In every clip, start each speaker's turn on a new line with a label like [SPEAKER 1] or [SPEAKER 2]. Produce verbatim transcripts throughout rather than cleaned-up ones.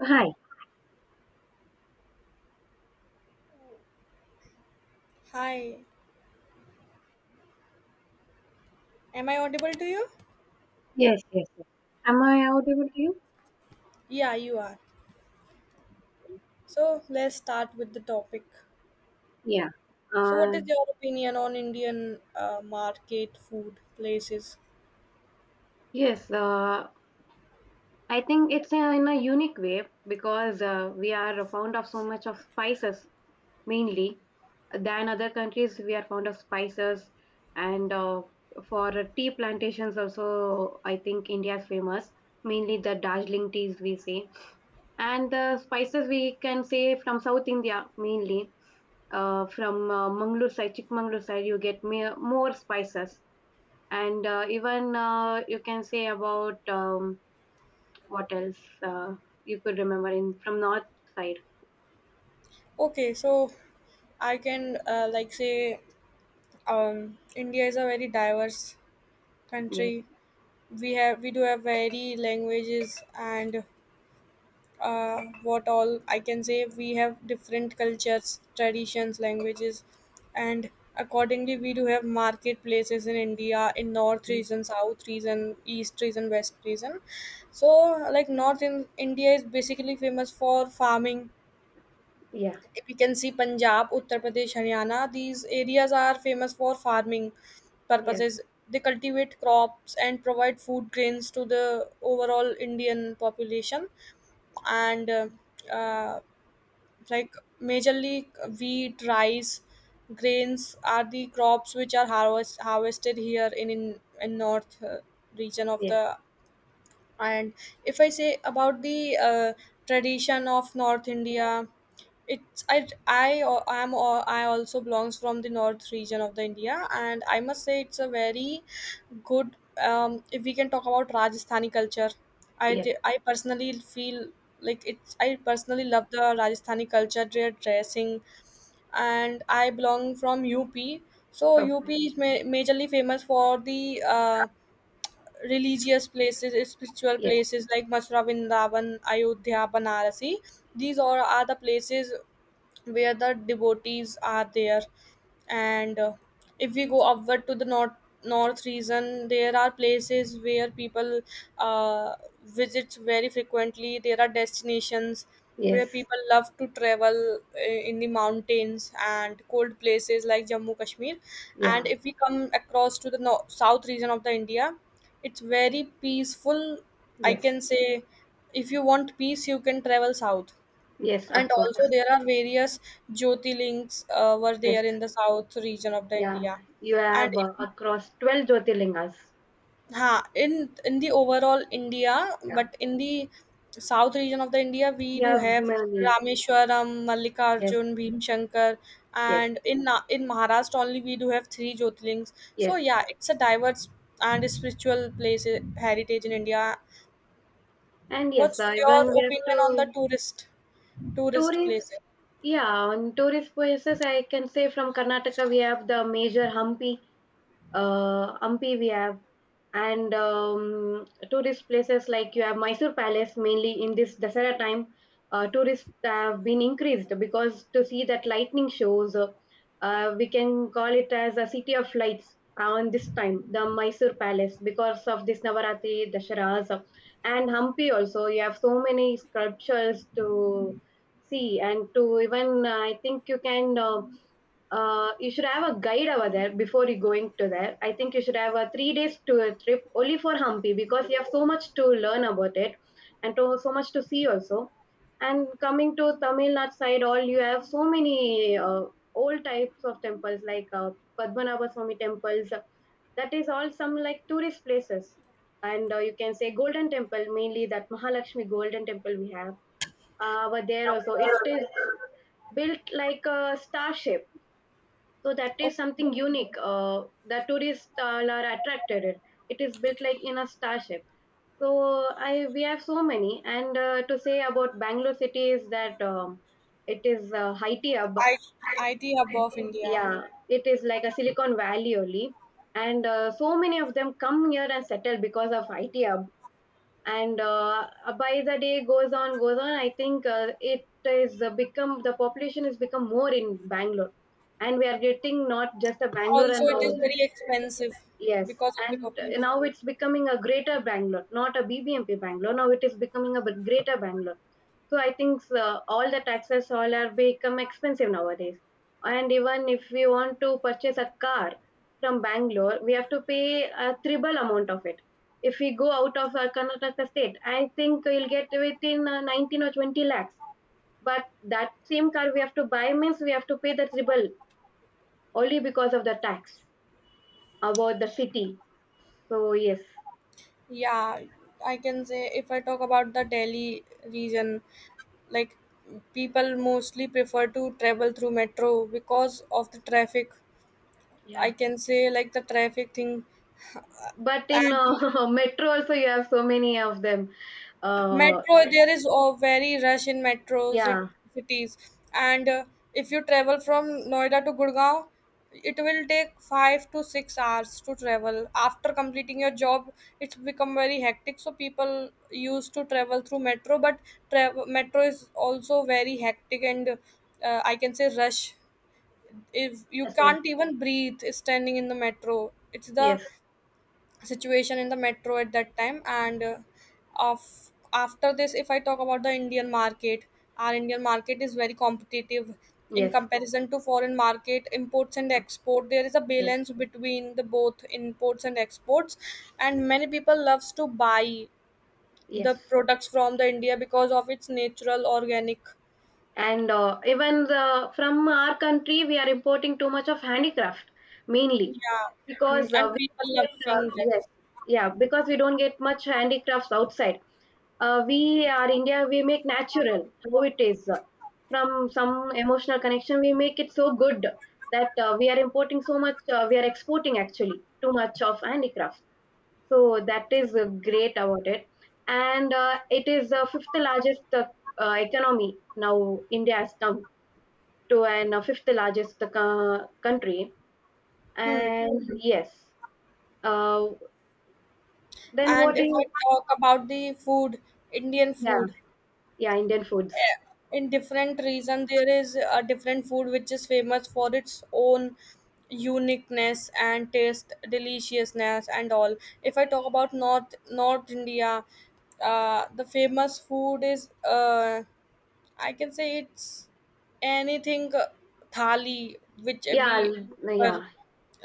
[SPEAKER 1] Hi.
[SPEAKER 2] Hi, am I audible to you?
[SPEAKER 1] Yes, yes, yes. Am I audible to you?
[SPEAKER 2] Yeah, you are. So let's start with the topic.
[SPEAKER 1] Yeah.
[SPEAKER 2] So, what
[SPEAKER 1] Uh,
[SPEAKER 2] is your opinion on Indian uh, market food places?
[SPEAKER 1] yes. Uh, I think it's uh, in a unique way because uh, we are fond of so much of spices mainly than other countries. We are fond of spices, and uh, for tea plantations also, I think India is famous. Mainly the Darjeeling teas we say, and the spices we can say from South India mainly. Uh, from uh, Mangalore side, Chikmagalur side, you get more spices. And uh, even uh, you can say about um, what else uh, you could remember in from north side.
[SPEAKER 2] Okay, so I can uh, like say um, India is a very diverse
[SPEAKER 1] Yes.
[SPEAKER 2] country. We have we do have very languages and uh, what all I can say. We have different cultures, traditions, languages, and accordingly, we do have marketplaces in India in North
[SPEAKER 1] Yes.
[SPEAKER 2] region, South region, East region, West region. So, like North in India is basically famous for farming.
[SPEAKER 1] Yeah.
[SPEAKER 2] We can see Punjab, Uttar Pradesh, Haryana. These areas are famous for farming
[SPEAKER 1] Yes.
[SPEAKER 2] purposes. They cultivate crops and provide food grains to the overall Indian population and uh, uh, like majorly wheat rice grains are the crops which are harvest, harvested here in in, in north uh, region of
[SPEAKER 1] Yes.
[SPEAKER 2] the, and if I say about the uh, tradition of North India, it's I I am I also belongs from the north region of the India, and I must say it's a very good. Um, if we can talk about Rajasthani culture, i
[SPEAKER 1] Yes.
[SPEAKER 2] t- i personally feel like it's, I personally love the Rajasthani culture, their dressing. And I belong from UP, so UP
[SPEAKER 1] Okay.
[SPEAKER 2] is ma- majorly famous for the uh, religious places, spiritual
[SPEAKER 1] Yes.
[SPEAKER 2] places like Mathura, Vrindavan, Ayodhya, Banarasi. These all are the places where the devotees are there, and uh, if we go upward to the north, north region, there are places where people uh, visit very frequently. There are destinations where
[SPEAKER 1] Yes.
[SPEAKER 2] people love to travel uh, in the mountains and cold places like Jammu Kashmir. And
[SPEAKER 1] Yeah.
[SPEAKER 2] if we come across to the no- south region of the India, it's very peaceful, I
[SPEAKER 1] Yes.
[SPEAKER 2] can say. If you want peace, you can travel south,
[SPEAKER 1] Yes.
[SPEAKER 2] and
[SPEAKER 1] Of
[SPEAKER 2] also
[SPEAKER 1] course.
[SPEAKER 2] there are various Jyotirlings uh, were
[SPEAKER 1] Yes.
[SPEAKER 2] there in the south region of the
[SPEAKER 1] Yeah.
[SPEAKER 2] India.
[SPEAKER 1] You
[SPEAKER 2] And
[SPEAKER 1] have uh,
[SPEAKER 2] if,
[SPEAKER 1] across twelve Jyotirlingas.
[SPEAKER 2] ha, in in the overall India,
[SPEAKER 1] Yeah.
[SPEAKER 2] but in the south region of the India, we
[SPEAKER 1] You
[SPEAKER 2] do
[SPEAKER 1] have
[SPEAKER 2] have
[SPEAKER 1] many.
[SPEAKER 2] Rameshwaram,
[SPEAKER 1] Yes.
[SPEAKER 2] Mallikarjun, Bhimshankar,
[SPEAKER 1] Yes.
[SPEAKER 2] and in Na- in Maharashtra only we do have three Jyotirlings. So
[SPEAKER 1] Yes.
[SPEAKER 2] yeah, it's a diverse and spiritual place, eh, heritage in India.
[SPEAKER 1] And yes,
[SPEAKER 2] What's
[SPEAKER 1] uh,
[SPEAKER 2] your
[SPEAKER 1] even we have
[SPEAKER 2] opinion on the
[SPEAKER 1] to.
[SPEAKER 2] tourist tourist
[SPEAKER 1] Tourists,
[SPEAKER 2] places?
[SPEAKER 1] yeah, on tourist places, I can say from Karnataka we have the major Hampi, uh, Ampi we have, and um, tourist places like you have Mysore Palace. Mainly in this Dasara time, uh, tourists have been increased because to see that lightning shows, uh, uh, we can call it as a city of lights on this time, the Mysore Palace, because of this Navaratri, Dasharas, and Hampi also. You have so many sculptures to see and to even uh, I think you can uh, uh, you should have a guide over there before you going to there. I think you should have a three days tour trip only for Hampi because you have so much to learn about it and to, so much to see also. And coming to Tamil Nadu side, all you have so many uh, old types of temples like uh, Padmanabha Swami temples. That is all some like tourist places, and uh, you can say Golden Temple mainly that Mahalakshmi Golden Temple we have. Uh, but there also it is built like a star shape, so that is something unique uh, that tourists uh, are attracted it. It is built like in a starship, so I we have so many. And uh, to say about Bangalore city is that, um, it is a high tea hub.
[SPEAKER 2] I, IT hub of India.
[SPEAKER 1] Yeah, it is like a Silicon Valley only, and uh, so many of them come here and settle because of IT hub. And uh, uh, by the day goes on goes on I think uh, it is uh, become the population has become more in Bangalore, and we are getting not just a Bangalore
[SPEAKER 2] Also,
[SPEAKER 1] and
[SPEAKER 2] it is
[SPEAKER 1] all.
[SPEAKER 2] very expensive
[SPEAKER 1] Yes.
[SPEAKER 2] because of the
[SPEAKER 1] And uh,
[SPEAKER 2] population.
[SPEAKER 1] now it's becoming a greater Bangalore, not a BBMP Bangalore. Now it is becoming a b- greater Bangalore, so I think uh, all the taxes all are become expensive nowadays. And even if we want to purchase a car from Bangalore, we have to pay a triple amount of it. If we go out of our Karnataka state, I think you'll get within uh, nineteen or twenty lakhs. But that same car we have to buy means we have to pay the triple only because of the tax about the city. So yes,
[SPEAKER 2] Yeah, I can say if I talk about the Delhi region, like people mostly prefer to travel through metro because of the traffic.
[SPEAKER 1] yeah.
[SPEAKER 2] I can say like the traffic thing,
[SPEAKER 1] But in
[SPEAKER 2] and
[SPEAKER 1] uh, metro also you have so many of them. Uh,
[SPEAKER 2] metro, there is a very rush in metro cit-
[SPEAKER 1] yeah,
[SPEAKER 2] cities, and uh, if you travel from Noida to Gurgaon, it will take five to six hours to travel. After completing your job, it's become very hectic. So people used to travel through metro, but tra- metro is also very hectic and uh, I can say rush. If you
[SPEAKER 1] that's the one.
[SPEAKER 2] can't even breathe standing in the metro, it's the
[SPEAKER 1] Yes.
[SPEAKER 2] situation in the metro at that time. And uh, of after this, if I talk about the Indian market, our Indian market is very competitive in
[SPEAKER 1] Yes,
[SPEAKER 2] comparison to foreign market. Imports and
[SPEAKER 1] uh,
[SPEAKER 2] export, there is a
[SPEAKER 1] yes,
[SPEAKER 2] balance between the both imports and exports, and many people loves to buy the
[SPEAKER 1] yes.
[SPEAKER 2] products from the India because of its natural organic.
[SPEAKER 1] And uh, even the from our country, we are importing too much of handicraft mainly
[SPEAKER 2] Yeah. Mm,
[SPEAKER 1] because
[SPEAKER 2] and
[SPEAKER 1] uh,
[SPEAKER 2] people
[SPEAKER 1] we get, uh,
[SPEAKER 2] loving that.
[SPEAKER 1] yes, yeah, because we don't get much handicrafts outside. Uh, we are India, we make natural how it is. From some emotional connection, we make it so good that uh, we are importing so much, uh, we are exporting actually too much of handicrafts. So that is uh, great about it. And uh, it is the fifth largest uh, uh, economy now. India has come to an uh, fifth largest uh, country.
[SPEAKER 2] Hmm.
[SPEAKER 1] And mhm. Yes, uh, then
[SPEAKER 2] And
[SPEAKER 1] what do
[SPEAKER 2] if I
[SPEAKER 1] you?
[SPEAKER 2] talk about the food, Indian
[SPEAKER 1] Yeah,
[SPEAKER 2] food,
[SPEAKER 1] yeah, Indian foods.
[SPEAKER 2] in different region there is a different food which is famous for its own uniqueness and taste, deliciousness and all. If I talk about north north India, uh, the famous food is, uh, I can say it's anything, uh, thali which
[SPEAKER 1] Yeah,
[SPEAKER 2] we
[SPEAKER 1] l-
[SPEAKER 2] prefer,
[SPEAKER 1] yeah,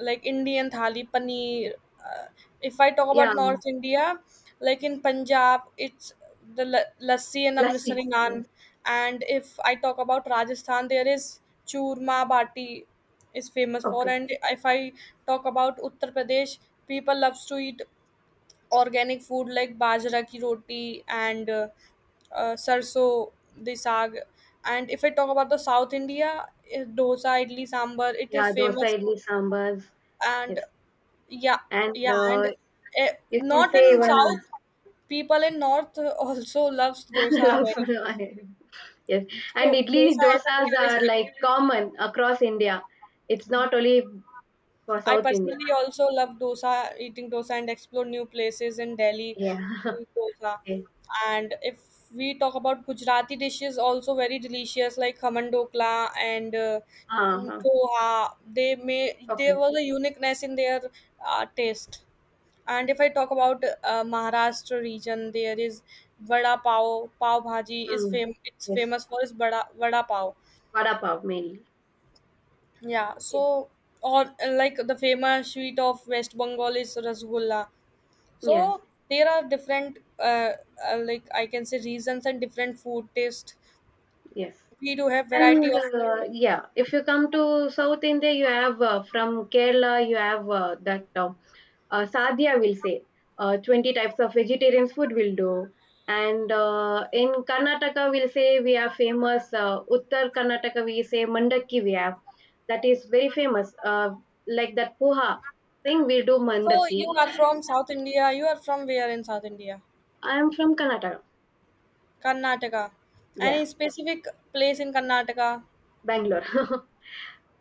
[SPEAKER 2] like Indian thali, paneer. Uh, if I talk about
[SPEAKER 1] yeah.
[SPEAKER 2] North India, like in Punjab, it's the la- lassi and
[SPEAKER 1] Lassi.
[SPEAKER 2] Amritsari naan.
[SPEAKER 1] Yes.
[SPEAKER 2] And if I talk about Rajasthan, there is churma bati is famous for.
[SPEAKER 1] Okay.
[SPEAKER 2] And if I talk about Uttar Pradesh, people loves to eat organic food like bajra ki roti and uh, uh, sarso the saag. And if I talk about the South India, eh, dosa idli sambar it is
[SPEAKER 1] Yeah, dosa,
[SPEAKER 2] famous.
[SPEAKER 1] idli, sambars.
[SPEAKER 2] And
[SPEAKER 1] Yes.
[SPEAKER 2] yeah.
[SPEAKER 1] And
[SPEAKER 2] Yeah, and
[SPEAKER 1] uh,
[SPEAKER 2] eh,
[SPEAKER 1] you can
[SPEAKER 2] not
[SPEAKER 1] say
[SPEAKER 2] in
[SPEAKER 1] one.
[SPEAKER 2] south, people in north also loves dosa
[SPEAKER 1] Love.
[SPEAKER 2] very
[SPEAKER 1] For
[SPEAKER 2] much.
[SPEAKER 1] yes, and
[SPEAKER 2] So
[SPEAKER 1] idli
[SPEAKER 2] dosa has a
[SPEAKER 1] dosas
[SPEAKER 2] craze
[SPEAKER 1] are
[SPEAKER 2] in,
[SPEAKER 1] like common across India. It's not only for
[SPEAKER 2] I
[SPEAKER 1] South India.
[SPEAKER 2] personally also love dosa, eating dosa, and explore new places in Delhi
[SPEAKER 1] Yeah.
[SPEAKER 2] to eat dosa.
[SPEAKER 1] Okay.
[SPEAKER 2] And if we talk about Gujarati dishes, also very delicious, like khaman dokla and uh, mm,
[SPEAKER 1] Uh-huh.
[SPEAKER 2] poha. They may there
[SPEAKER 1] Okay.
[SPEAKER 2] was a uniqueness in their uh, taste. And if I talk about uh, Maharashtra region, there is vada pav. Pav bhaji is
[SPEAKER 1] Mm.
[SPEAKER 2] fam- it's
[SPEAKER 1] Yes.
[SPEAKER 2] famous for its vada vada pav.
[SPEAKER 1] Vada pav mainly.
[SPEAKER 2] Yeah,
[SPEAKER 1] Yes.
[SPEAKER 2] so or uh, like the famous sweet of West Bengal is Rasgulla.
[SPEAKER 1] Yes.
[SPEAKER 2] So there are different, uh, uh, like I can say, reasons and different food taste.
[SPEAKER 1] Yes.
[SPEAKER 2] We do have variety
[SPEAKER 1] And
[SPEAKER 2] of.
[SPEAKER 1] uh, yeah, if you come to South India, you have uh, from Kerala, you have uh, that uh, uh, sadhya will say, uh, twenty types of vegetarian food will do. And uh, in Karnataka we'll say we are famous. Uh, uttar Karnataka we say mandakki we have. That is very famous, uh, like that poha thing we do,
[SPEAKER 2] So
[SPEAKER 1] mandakki.
[SPEAKER 2] you are from South India. You are from where in South India?
[SPEAKER 1] I am from Karnataka.
[SPEAKER 2] Karnataka.
[SPEAKER 1] Yeah,
[SPEAKER 2] Any specific place in Karnataka?
[SPEAKER 1] Bangalore.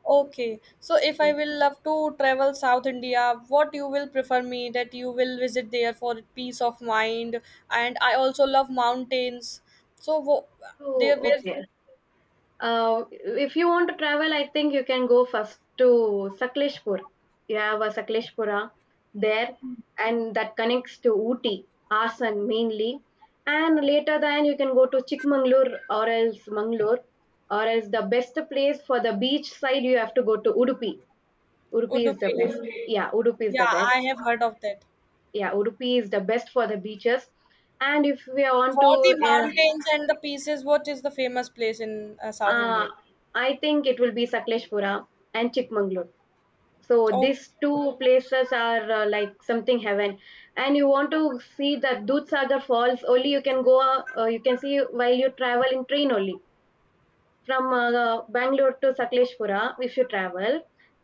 [SPEAKER 2] Okay, so if I will love to travel South India, what you will prefer me, that you will visit there for peace of mind, and I also love mountains. So wo-
[SPEAKER 1] So
[SPEAKER 2] there where,
[SPEAKER 1] okay. Uh, if you want to travel, I think you can go first to Sakleshpur. You have a Sakleshpura there, and that connects to Ooty, Hassan mainly. And later, then you can go to Chikmagalur or else Mangalore, or else the best place for the beach side you have to go to Udupi. Udupi is the
[SPEAKER 2] Udupi?
[SPEAKER 1] best. Yeah, Udupi is
[SPEAKER 2] Yeah,
[SPEAKER 1] the best.
[SPEAKER 2] I have heard of that.
[SPEAKER 1] Yeah, Udupi is the best for the beaches. And if we want
[SPEAKER 2] For
[SPEAKER 1] to,
[SPEAKER 2] the mountains and the pieces, what is the famous place in uh,
[SPEAKER 1] uh,
[SPEAKER 2] South India?
[SPEAKER 1] uh, I think it will be Sakleshpura and Chikmagalur. So
[SPEAKER 2] Okay.
[SPEAKER 1] these two places are uh, like something heaven. And you want to see the Dudhsagar falls only, you can go. Uh, uh, you can see while you travel in train only, from uh, uh, Bangalore to Sakleshpura. If you travel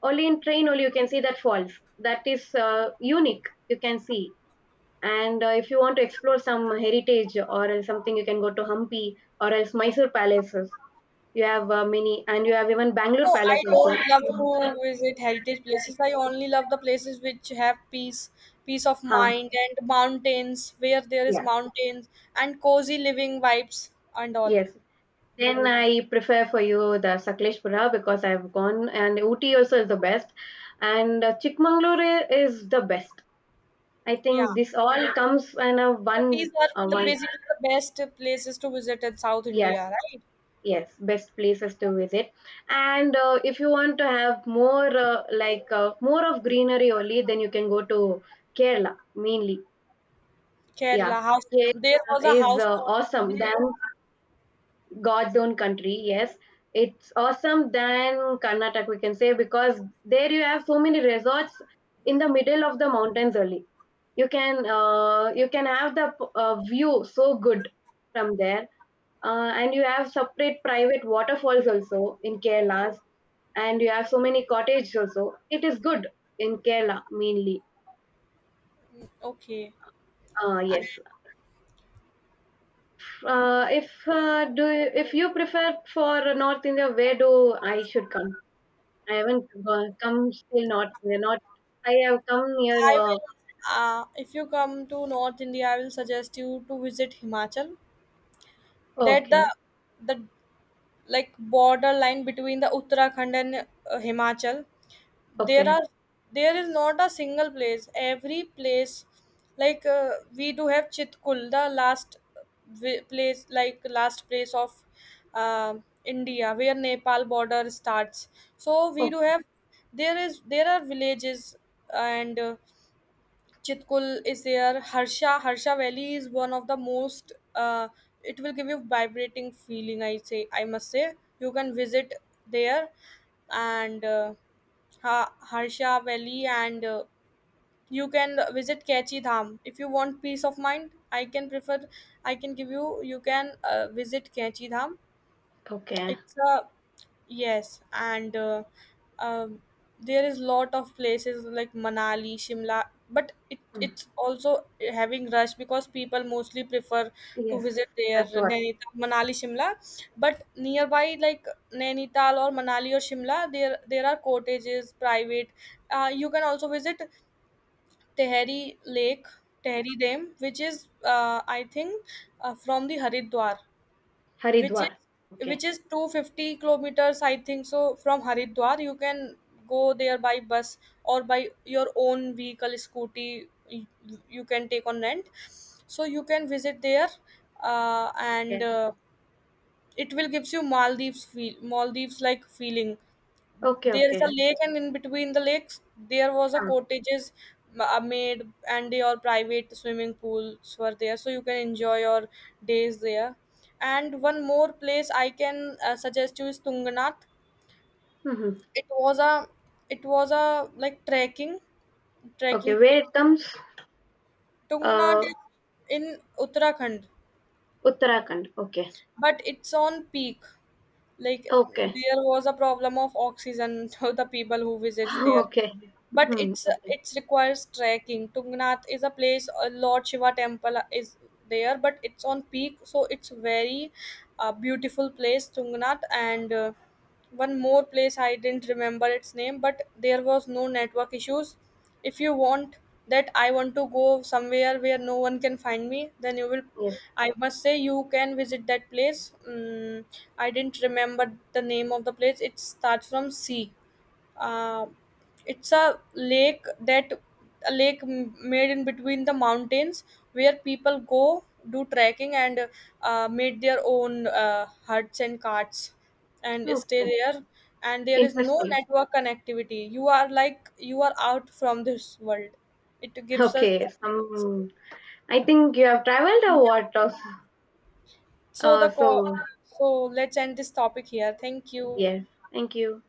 [SPEAKER 1] only in train, only you can see that falls. That is uh, unique, you can see. And uh, if you want to explore some heritage or else something, you can go to Hampi or else Mysore palaces. You have uh, many, and you have even Bangalore
[SPEAKER 2] No,
[SPEAKER 1] palace
[SPEAKER 2] I don't love
[SPEAKER 1] also.
[SPEAKER 2] to visit heritage places. I only love the places which have peace, peace of
[SPEAKER 1] Huh.
[SPEAKER 2] mind, and mountains where there is
[SPEAKER 1] Yeah,
[SPEAKER 2] mountains and cozy living vibes and all.
[SPEAKER 1] yes. Then I prefer for you the Sakleshpura because I've gone, and Ooty also is the best, and uh, Chikmagalur i- is the best. I
[SPEAKER 2] Yeah,
[SPEAKER 1] think this all comes in a
[SPEAKER 2] so
[SPEAKER 1] one
[SPEAKER 2] these are
[SPEAKER 1] uh,
[SPEAKER 2] the
[SPEAKER 1] one.
[SPEAKER 2] basically the best places to visit in South
[SPEAKER 1] Yes,
[SPEAKER 2] India, right?
[SPEAKER 1] yes, best places to visit. And uh, if you want to have more, uh, like uh, more of greenery only, then you can go to Kerala mainly. Yeah,
[SPEAKER 2] Kerala house. There
[SPEAKER 1] Kerala
[SPEAKER 2] was a
[SPEAKER 1] is uh,
[SPEAKER 2] houseboat.
[SPEAKER 1] awesome than God's own country, yes. It's awesome than Karnataka, we can say, because there you have so many resorts in the middle of the mountains only. You can uh, you can have the uh, view so good from there, uh, and you have separate private waterfalls also in Kerala, and you have so many cottages also. It is good in Kerala mainly.
[SPEAKER 2] Okay,
[SPEAKER 1] Uh,
[SPEAKER 2] and
[SPEAKER 1] yes. Uh, if uh, do you, if you prefer for North India, where do I should come? I haven't go- come still not they're not. I have come near
[SPEAKER 2] I
[SPEAKER 1] uh,
[SPEAKER 2] will. Uh, if you come to North India, I will suggest you to visit Himachal. That the
[SPEAKER 1] okay.
[SPEAKER 2] the like border line between the Uttarakhand and uh, Himachal. There
[SPEAKER 1] Okay,
[SPEAKER 2] are there is not a single place. Every place, like uh, we do have Chitkul, the last vi- place, like last place of uh, India, where Nepal border starts. So we do
[SPEAKER 1] okay,
[SPEAKER 2] have, there is there are villages, and uh, Chitkul is there. Harsha Harsha Valley is one of the most. Uh, it will give you vibrating feeling. I say I must say you can visit there, and uh, ha- Harsha Valley, and uh, you can visit Kachi Dham if you want peace of mind. I can prefer. I can give you. You can uh, visit Kachi Dham.
[SPEAKER 1] okay.
[SPEAKER 2] It's a, yes, and uh, um, there is lot of places like Manali, Shimla, but it
[SPEAKER 1] Hmm.
[SPEAKER 2] it's also having rush because people mostly prefer to
[SPEAKER 1] Yes,
[SPEAKER 2] visit their
[SPEAKER 1] that's what.
[SPEAKER 2] Nainital, Manali, Shimla. But nearby, like Nainital or Manali or Shimla, there there are cottages, private. Uh, you can also visit Tehri Lake, Tehri Dam, which is uh, I think uh, from the Haridwar, which is,
[SPEAKER 1] Haridwar.
[SPEAKER 2] which
[SPEAKER 1] Okay,
[SPEAKER 2] is two hundred fifty kilometers, I think. So from Haridwar, you can go there by bus or by your own vehicle, scooty, y- you can take on rent, so you can visit there. Uh, and
[SPEAKER 1] okay,
[SPEAKER 2] uh, It will gives you Maldives feel, Maldives like feeling.
[SPEAKER 1] okay,
[SPEAKER 2] There is a
[SPEAKER 1] okay.
[SPEAKER 2] lake, and in between the lakes there was a
[SPEAKER 1] Ah,
[SPEAKER 2] cottages, m- uh, made, and your private swimming pools were there, so you can enjoy your days there. And one more place I can uh, suggest you is Tungnath.
[SPEAKER 1] mhm.
[SPEAKER 2] It was a, it was a like trekking,
[SPEAKER 1] Okay,
[SPEAKER 2] trekking pit.
[SPEAKER 1] where it comes.
[SPEAKER 2] Tungnath
[SPEAKER 1] Uh,
[SPEAKER 2] is in Uttarakhand,
[SPEAKER 1] Uttarakhand, okay.
[SPEAKER 2] but it's on peak. Like
[SPEAKER 1] Okay.
[SPEAKER 2] there was a problem of oxygen to the people who visits there,
[SPEAKER 1] Okay.
[SPEAKER 2] but
[SPEAKER 1] Mhm.
[SPEAKER 2] it's
[SPEAKER 1] Okay.
[SPEAKER 2] it's requires trekking. Tungnath is a place, a Lord Shiva temple is there, but it's on peak, so it's very uh, beautiful place, Tungnath. And uh, one more place, I didn't remember its name, but there was no network issues. If you want, that I want to go somewhere where no one can find me, then you will,
[SPEAKER 1] Yes.
[SPEAKER 2] I must say, you can visit that place. Mm, I didn't remember the name of the place. It starts from C. uh, it's a lake that, a lake m- made in between the mountains, where people go do trekking and uh, made their own uh, huts and carts and stay
[SPEAKER 1] Okay,
[SPEAKER 2] there, and there is no
[SPEAKER 1] interesting.
[SPEAKER 2] network connectivity. You are like you are out from this world. It gives us,
[SPEAKER 1] Okay, some. I think you have traveled or what?
[SPEAKER 2] so the
[SPEAKER 1] Uh,
[SPEAKER 2] co-
[SPEAKER 1] so
[SPEAKER 2] so let's end this topic here. Thank you.
[SPEAKER 1] yes, thank you.